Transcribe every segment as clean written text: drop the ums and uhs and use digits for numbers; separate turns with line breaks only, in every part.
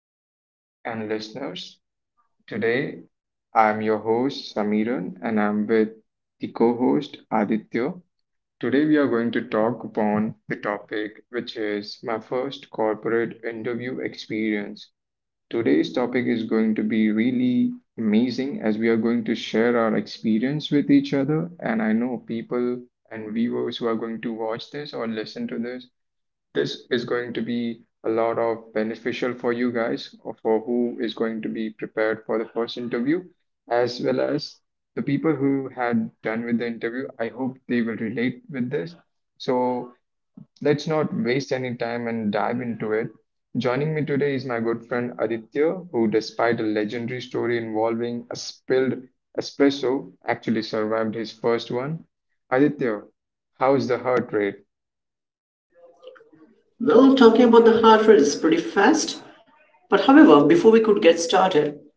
viewers and listeners. Today, I'm your host, Samiran, and I'm with the co host, Aditya. Today, we are going to talk upon the topic, which is my first corporate interview experience. Today's topic is going to be really amazing as we are going to share our experience with each other. And I know people and viewers who are going to watch this or listen to this is going to be a lot of beneficial for you guys or for who is going to be prepared for the first interview, as well as the people who had done with the interview. I hope they will relate with this. So let's not waste any time and dive into it. Joining me today is my good friend Aditya, who, despite a legendary story involving a spilled espresso, actually survived his first one. Aditya, how's the heart rate?
Well, talking about the hardware is pretty fast. But however, before we could get started,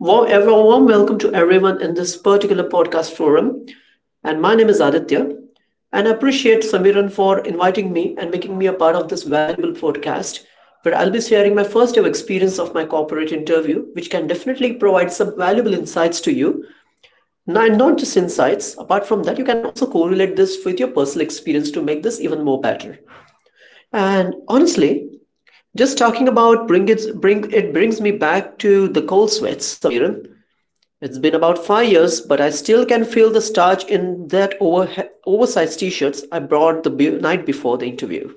a warm welcome to everyone in this particular podcast forum. And my name is Aditya. And I appreciate Samiran for inviting me and making me a part of this valuable podcast, where I'll be sharing my first ever experience of my corporate interview, which can definitely provide some valuable insights to you. Now, and not just insights, apart from that, you can also correlate this with your personal experience to make this even more better. And honestly, just talking about brings me back to the cold sweats, Samiran. It's been about 5 years, but I still can feel the starch in that oversized t-shirts I brought the night before the interview.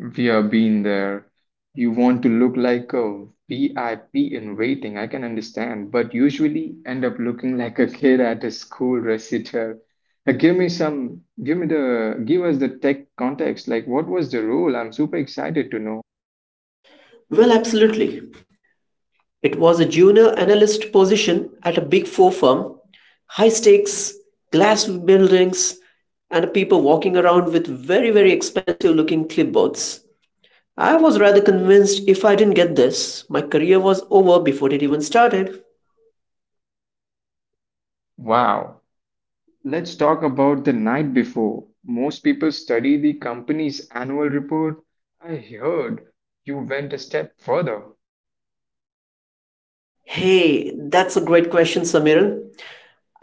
We have been there. You want to look like a VIP in waiting, I can understand, but usually end up looking like a kid at a school recital. Now, give me give us the tech context. Like, what was the role? I'm super excited to know.
Well, absolutely. It was a junior analyst position at a big four firm. High stakes, glass buildings, and people walking around with very, very expensive looking clipboards. I was rather convinced if I didn't get this, my career was over before it even started.
Wow. Let's talk about the night before. Most people study the company's annual report. I heard you went a step further.
Hey, that's a great question, Samiran.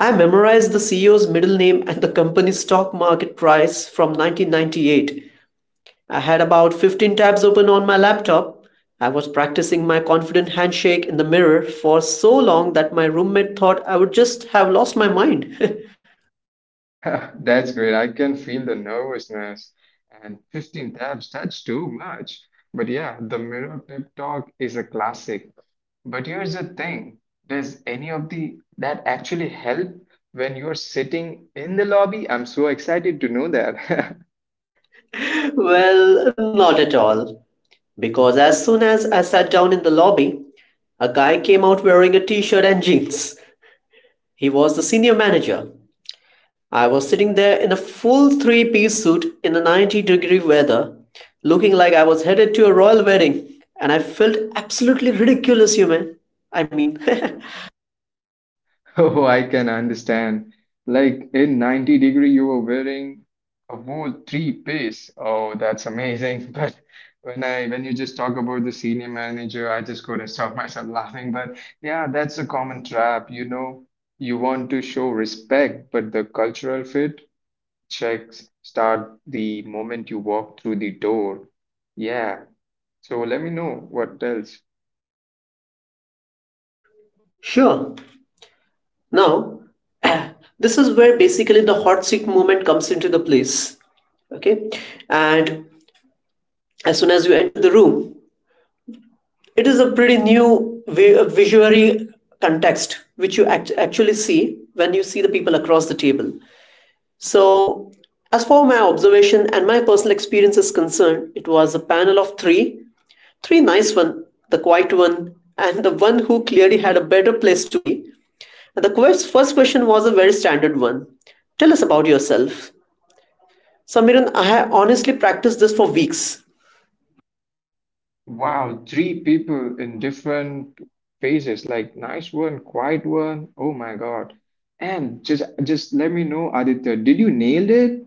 I memorized the CEO's middle name and the company's stock market price from 1998. I had about 15 tabs open on my laptop. I was practicing my confident handshake in the mirror for so long that my roommate thought I would just have lost my mind.
That's great. I can feel the nervousness and 15 tabs, that's too much. But yeah, the mirror pep talk is a classic. But here's the thing, does any of the that actually help when you're sitting in the lobby? I'm so excited to know that.
Well, not at all. Because as soon as I sat down in the lobby, a guy came out wearing a t shirt and jeans. He was the senior manager. I was sitting there in a full three-piece suit in the 90-degree weather, looking like I was headed to a royal wedding, and I felt absolutely ridiculous, you man. I mean,
Oh, I can understand. Like in 90 degree, you were wearing a whole three piece. Oh, that's amazing. But when you just talk about the senior manager, I just couldn't stop myself laughing. But yeah, that's a common trap. You know, you want to show respect, but the cultural fit checks start the moment you walk through the door. Yeah. So let me know what else.
sure. Now, this is where basically the hot seat movement comes into the place. Okay, and as soon as you enter the room, it is a pretty new visually context which you actually see when you see the people across the table. So, as for my observation and my personal experience is concerned, it was a panel of three, three nice one, the quiet one, and the one who clearly had a better place to be. And the first question was a very standard one. Tell us about yourself. Samiran, I have honestly practiced this for weeks.
Wow, three people in different phases, like nice one, quiet one. Oh my God. And just let me know, Aditya, did you nailed it?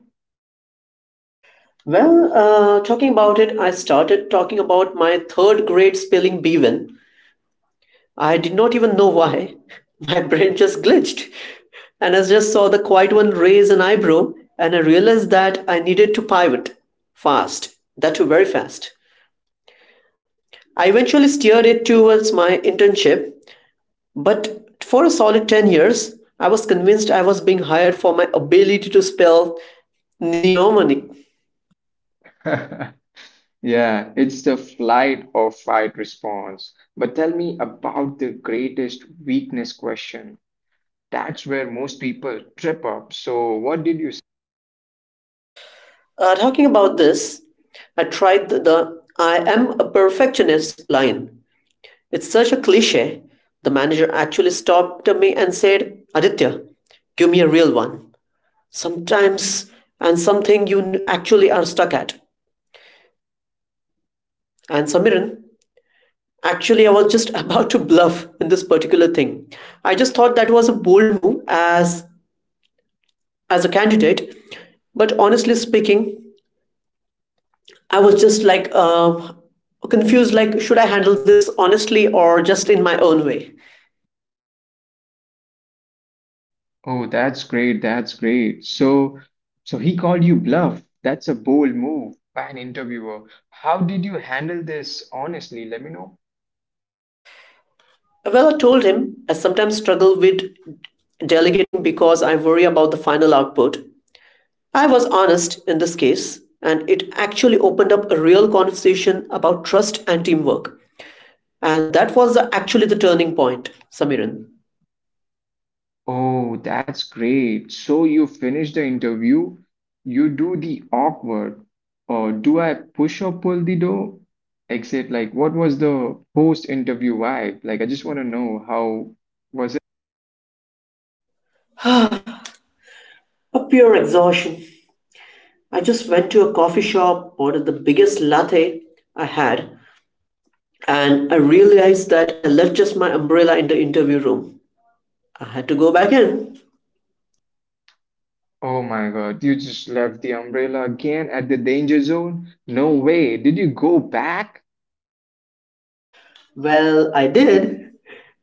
Well, talking about it, I started talking about my third grade spelling Bevan. I did not even know why. My brain just glitched. And I just saw the quiet one raise an eyebrow, and I realized that I needed to pivot fast, that too very fast. I eventually steered it towards my internship, but for a solid 10 years, I was convinced I was being hired for my ability to spell neomonic.
Yeah, it's the flight or fight response. But tell me about the greatest weakness question. That's where most people trip up. So what did you?
Talking about this, I tried the I am a perfectionist line. It's such a cliche. The manager actually stopped me and said, Aditya, give me a real one. Sometimes and something you actually are stuck at. And Samiran, actually, I was just about to bluff in this particular thing. I just thought that was a bold move as a candidate, but honestly speaking, I was just like confused. Like, should I handle this honestly or just in my own way?
Oh, that's great. That's great. So, so he called you bluff. That's a bold move by an interviewer. How did you handle this? Honestly, let me know.
Well, I told him I sometimes struggle with delegating because I worry about the final output. I was honest in this case, and it actually opened up a real conversation about trust and teamwork. And that was actually the turning point, Samiran.
Oh, that's great. So you finish the interview, you do the awkward, or do I push or pull the door? Exit. Like, what was the post-interview vibe? Like, I just want to know how was it?
A pure exhaustion. I just went to a coffee shop, ordered the biggest latte I had, and I realized that I left just my umbrella in the interview room. I had to go back in.
Oh my God, you just left the umbrella again at the danger zone? No way. Did you go back?
Well, I did,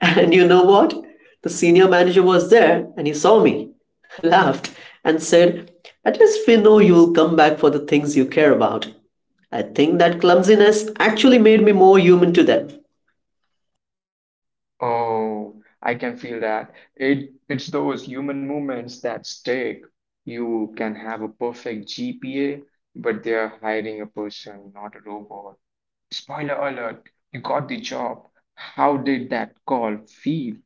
and you know what? The senior manager was there and he saw me, laughed, and said, at least we know you'll come back for the things you care about. I think that clumsiness actually made me more human to them.
Oh, I can feel that. It's those human moments that stick. You can have a perfect GPA, but they're hiring a person, not a robot. Spoiler alert, you got the job. How did that call feel?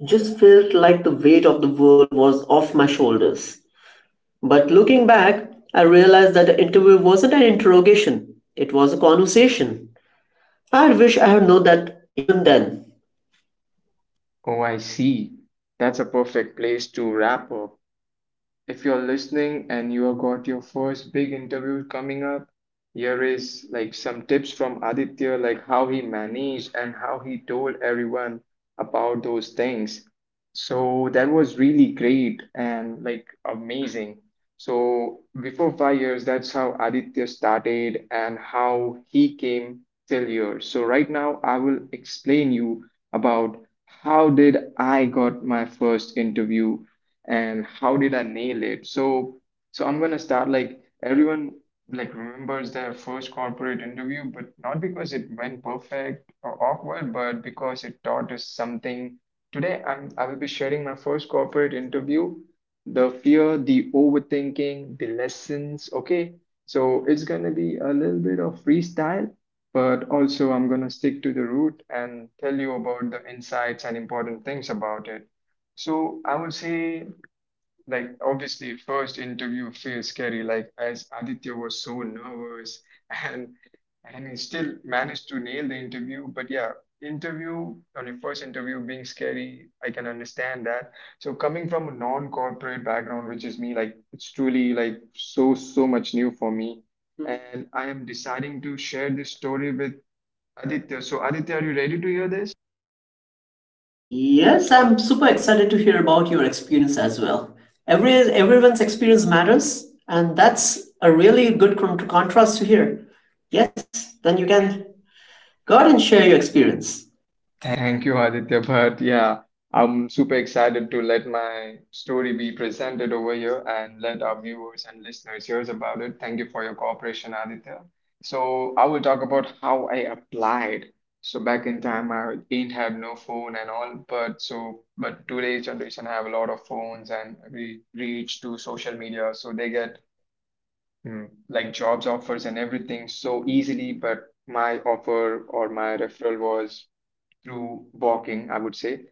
It just felt like the weight of the world was off my shoulders. But looking back, I realized that the interview wasn't an interrogation, it was a conversation. I wish I had known that even then.
Oh, I see. That's a perfect place to wrap up. If you're listening and you have got your first big interview coming up, here is like some tips from Aditya, like how he managed and how he told everyone about those things. So that was really great and like amazing. So before 5 years, that's how Aditya started and how he came till here. So right now, I will explain you about how did I got my first interview and how did I nail it? So, I'm gonna start like everyone like remembers their first corporate interview, but not because it went perfect or awkward, but because it taught us something. Today, I will be sharing my first corporate interview, the fear, the overthinking, the lessons. Okay, so it's gonna be a little bit of freestyle. But also, I'm going to stick to the root and tell you about the insights and important things about it. So I would say like, obviously, first interview feels scary, like, as Aditya was so nervous and and he still managed to nail the interview. But yeah, interview on your first interview being scary, I can understand that. So coming from a non-corporate background, which is me, like it's truly like so much new for me. And I am deciding to share this story with Aditya. So Aditya, are you ready to hear this?
Yes, I'm super excited to hear about your experience as well. Everyone's experience matters, and that's a really good contrast to hear. Yes, then you can go ahead and share your experience.
Thank you, Aditya. But yeah, I'm super excited to let my story be presented over here and let our viewers and listeners hear about it. Thank you for your cooperation, Aditya. So I will talk about how I applied. So back in time, I didn't have no phone and all, but so but today's generation have a lot of phones and we reach to social media, so they get hmm, like jobs offers and everything so easily. But my offer or my referral was through walking, I would say.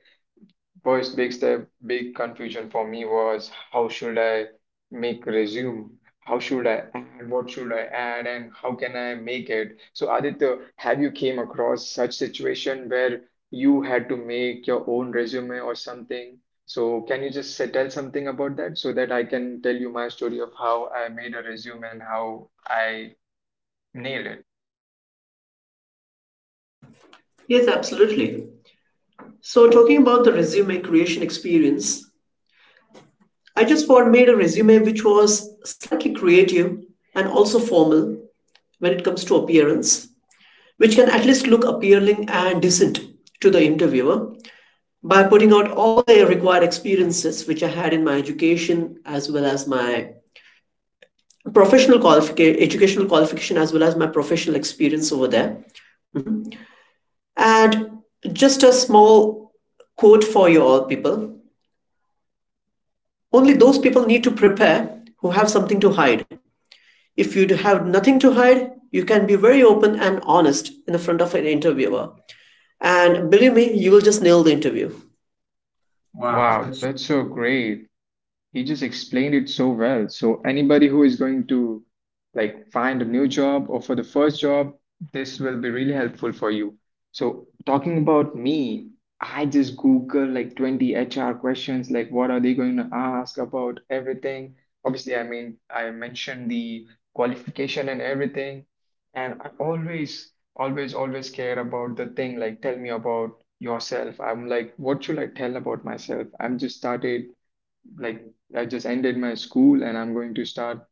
First big step, big confusion for me was how should I make resume? How should I add? What should I add? And how can I make it? So Aditya, have you came across such situation where you had to make your own resume or something? So can you just tell something about that so that I can tell you my story of how I made a resume and how I nailed it?
Yes, absolutely. So, talking about the resume creation experience, I just for made a resume which was slightly creative and also formal when it comes to appearance, which can at least look appealing and decent to the interviewer, by putting out all the required experiences which I had in my education as well as my educational qualification as well as my professional experience over there. And just a small quote for you all people. Only those people need to prepare who have something to hide. If you have nothing to hide, you can be very open and honest in the front of an interviewer. And believe me, you will just nail the interview.
Wow, that's so great. He just explained it so well. So anybody who is going to like find a new job or for the first job, this will be really helpful for you. So talking about me, I just Google like 20 HR questions, like what are they going to ask about everything. Obviously, I mean, I mentioned the qualification and everything. And I always, always, always care about the thing, like tell me about yourself. I'm like, what should I tell about myself? Like I just ended my school and I'm going to start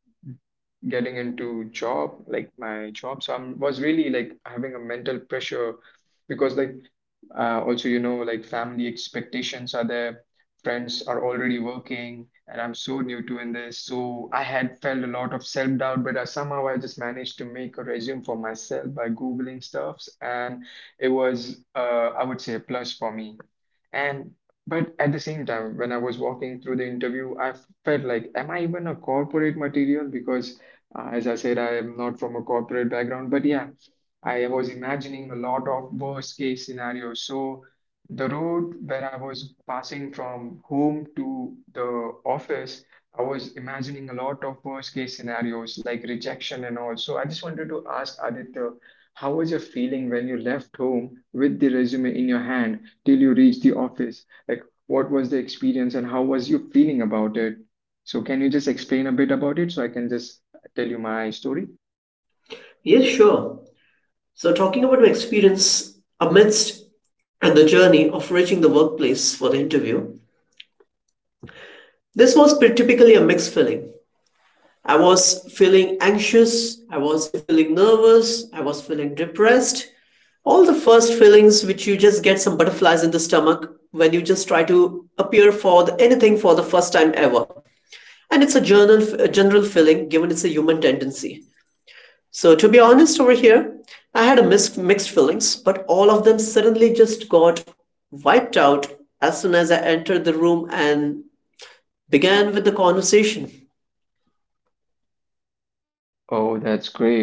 getting into job, like my job. So I was really like having a mental pressure because also you know like family expectations are there, friends are already working, and I'm so new to in this. So I had felt a lot of self-doubt, but somehow I just managed to make a resume for myself by Googling stuffs, and it was I would say a plus for me. And but at the same time, when I was walking through the interview, I felt like, am I even a corporate material? Because as I said, I am not from a corporate background. But yeah, I was imagining a lot of worst case scenarios. So the road where I was passing from home to the office, I was imagining a lot of worst case scenarios like rejection and all. So I just wanted to ask Aditya, how was your feeling when you left home with the resume in your hand till you reach the office? Like, what was the experience and how was you feeling about it? So, can you just explain a bit about it so I can just tell you my story?
Yes, sure. So, talking about my experience amidst and the journey of reaching the workplace for the interview. This was typically a mixed feeling. I was feeling anxious, I was feeling nervous, I was feeling depressed. All the first feelings which you just get some butterflies in the stomach when you just try to appear for the, anything for the first time ever. And it's a general feeling given it's a human tendency. So to be honest over here, I had a mixed feelings, but all of them suddenly just got wiped out as soon as I entered the room and began with the conversation.
Oh, that's great.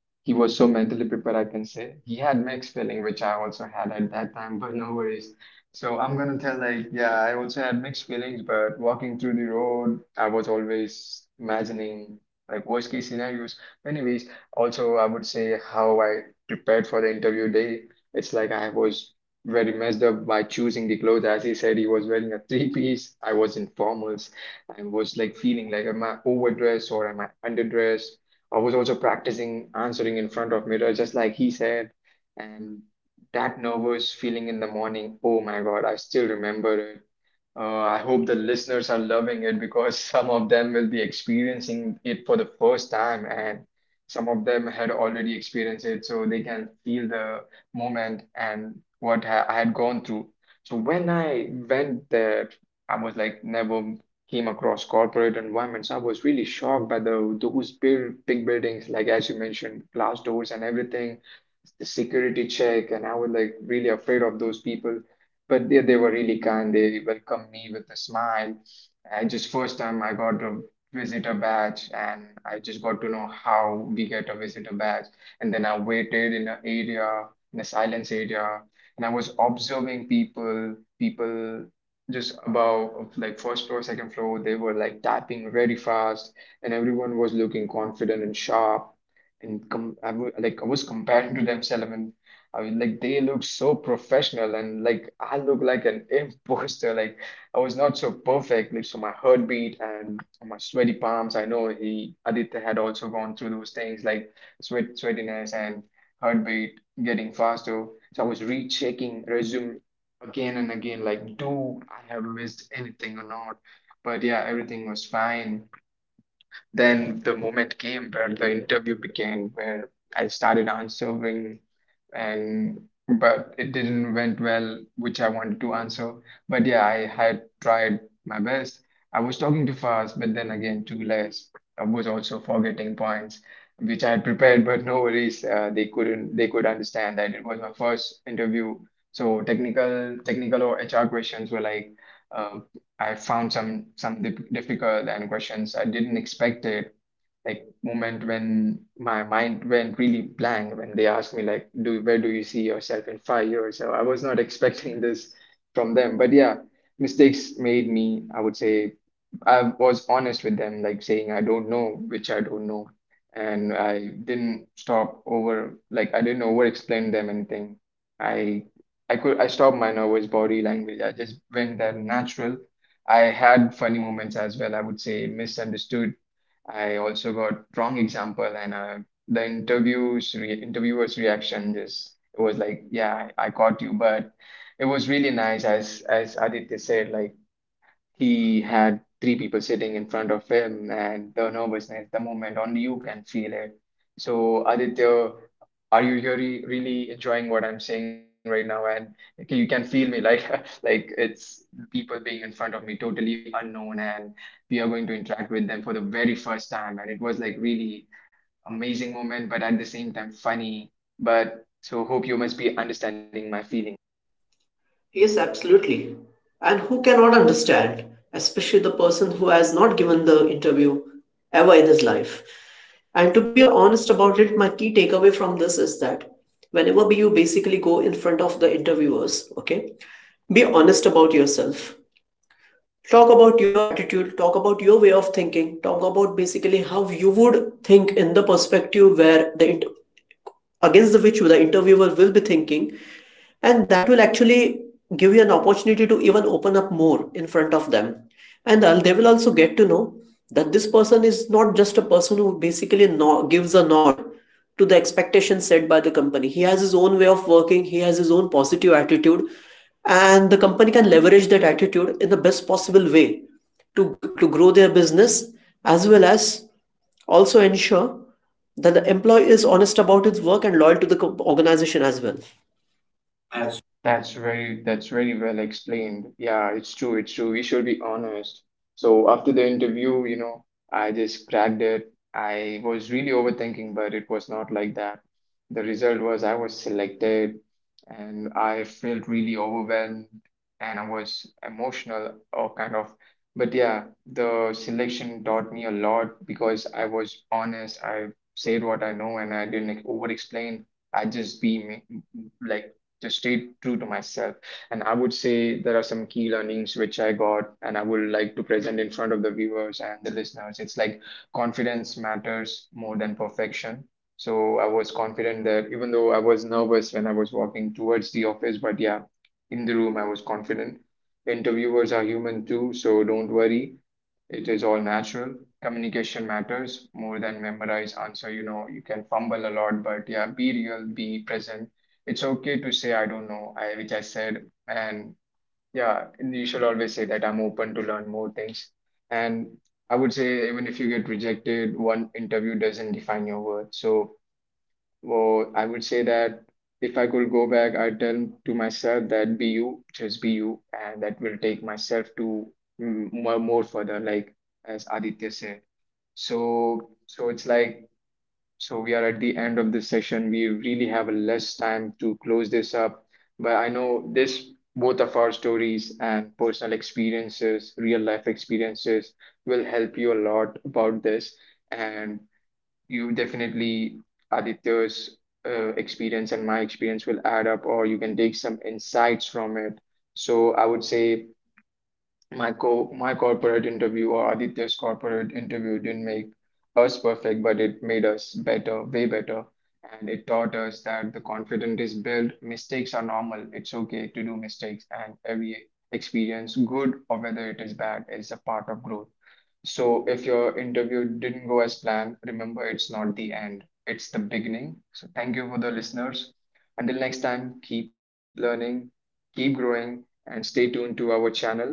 He was so mentally prepared, I can say. He had mixed feeling, which I also had at that time, but no worries. So I'm gonna tell like, yeah, I also had mixed feelings, but walking through the road, I was always imagining like worst case scenarios. Anyways, also I would say how I prepared for the interview day. It's like I was very messed up by choosing the clothes. As he said, he was wearing a three piece. I was in formals. I was like feeling like, am I overdressed or am I underdressed? I was also practicing answering in front of mirror, just like he said. And that nervous feeling in the morning, oh my God, I still remember it. I hope the listeners are loving it because some of them will be experiencing it for the first time, and some of them had already experienced it, so they can feel the moment and I had gone through. So when I went there, I was like never came across corporate environments. I was really shocked by the those big, big buildings, like as you mentioned, glass doors and everything, the security check, and I was like really afraid of those people. But they were really kind. They welcomed me with a smile. I just first time I got a visitor badge, and I just got to know how we get a visitor badge. And then I waited in an area, in a silence area, and I was observing people just above like first floor, second floor. They were like typing very fast, and everyone was looking confident and sharp. And com I w like I was comparing to themselves, and I was like, they look so professional, and like I look like an imposter, like I was not so perfect. Like, so my heartbeat and my sweaty palms, I know he Aditya had also gone through those things, like sweatiness and heartbeat getting faster. So I was rechecking resume again and again, like, do I have missed anything or not? But yeah, everything was fine. Then the moment came where the interview began, where I started answering and but it didn't went well, which I wanted to answer. But yeah, I had tried my best. I was talking too fast, but then again too less. I was also forgetting points which I had prepared, but no worries. They couldn't they could understand that it was my first interview. So technical or HR questions were like uh, I found some difficult and questions I didn't expect it, like moment when my mind went really blank when they asked me like, do where do you see yourself in 5 years? So I was not expecting this from them. But yeah, mistakes made me, I would say, I was honest with them, like saying I don't know which I don't know. And I didn't stop over like I didn't over explain them anything. I I stopped my nervous body language. I just went there natural. I had funny moments as well, I would say. Misunderstood, I also got wrong example. And the interviews re interviewer's reaction just, it was like, yeah, I, caught you. But it was really nice, as Aditya said, like he had three people sitting in front of him, and the nervousness, the moment, only you can feel it. So Aditya, are you really enjoying what I'm saying right now? And you can feel me, like like it's people being in front of me, totally unknown, and we are going to interact with them for the very first time. And it was like really amazing moment, but at the same time funny. But so hope you must be understanding my feeling.
Yes, absolutely. And who cannot understand, especially the person who has not given the interview ever in his life. And to be honest about it, my key takeaway from this is that whenever you basically go in front of the interviewers, okay, be honest about yourself. Talk about your attitude, talk about your way of thinking, talk about basically how you would think in the perspective where against the which the interviewer will be thinking, and that will actually give you an opportunity to even open up more in front of them, and they will also get to know that this person is not just a person who basically gives a nod to the expectations set by the company. He has his own way of working, he has his own positive attitude, and the company can leverage that attitude in the best possible way to, to grow their business as well as also ensure that the employee is honest about his work and loyal to the organization as well.
That's very well explained. Yeah, it's true, it's true. We should be honest. So after the interview, you know, I just cracked it. I was really overthinking, but it was not like that. The result was I was selected, and I felt really overwhelmed, and I was emotional or kind of. But yeah, the selection taught me a lot because I was honest. I said what I know and I didn't over explain. I just be me, like, just stay true to myself. And I would say there are some key learnings which I got, and I would like to present in front of the viewers and the listeners. It's like confidence matters more than perfection. So I was confident that even though I was nervous when I was walking towards the office, but yeah, in the room I was confident. Interviewers are human too, so don't worry. It is all natural. Communication matters more than memorize answer. You know, you can fumble a lot, but yeah, be real, be present. It's okay to say I don't know, I which I said. And yeah, you should always say that I'm open to learn more things. And I would say, even if you get rejected, one interview doesn't define your worth. So, well, I would say that if I could go back, I'd tell to myself that be you, just be you, and that will take myself to more further, like as Aditya said. So, so it's like, so we are at the end of this session. We really have less time to close this up, but I know this, both of our stories and personal experiences, real life experiences will help you a lot about this. And you definitely, Aditya's experience and my experience will add up, or you can take some insights from it. So I would say my corporate interview or Aditya's corporate interview didn't make us perfect, but it made us better, way better. And it taught us that the confidence is built, mistakes are normal, it's okay to do mistakes, and every experience, good or whether it is bad, is a part of growth. So if your interview didn't go as planned, remember it's not the end, it's the beginning. So thank you for the listeners. Until next time, keep learning, keep growing, and stay tuned to our channel.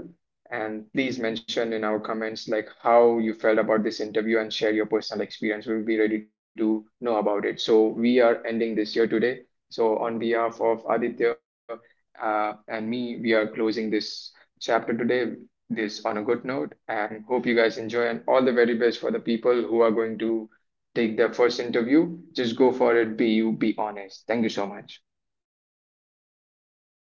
And please mention in our comments like how you felt about this interview and share your personal experience. We'll be ready to know about it. So we are ending this year today. So on behalf of Aditya and me, we are closing this chapter today, this on a good note, and hope you guys enjoy and all the very best for the people who are going to take their first interview. Just go for it, be you, be honest. Thank you so much.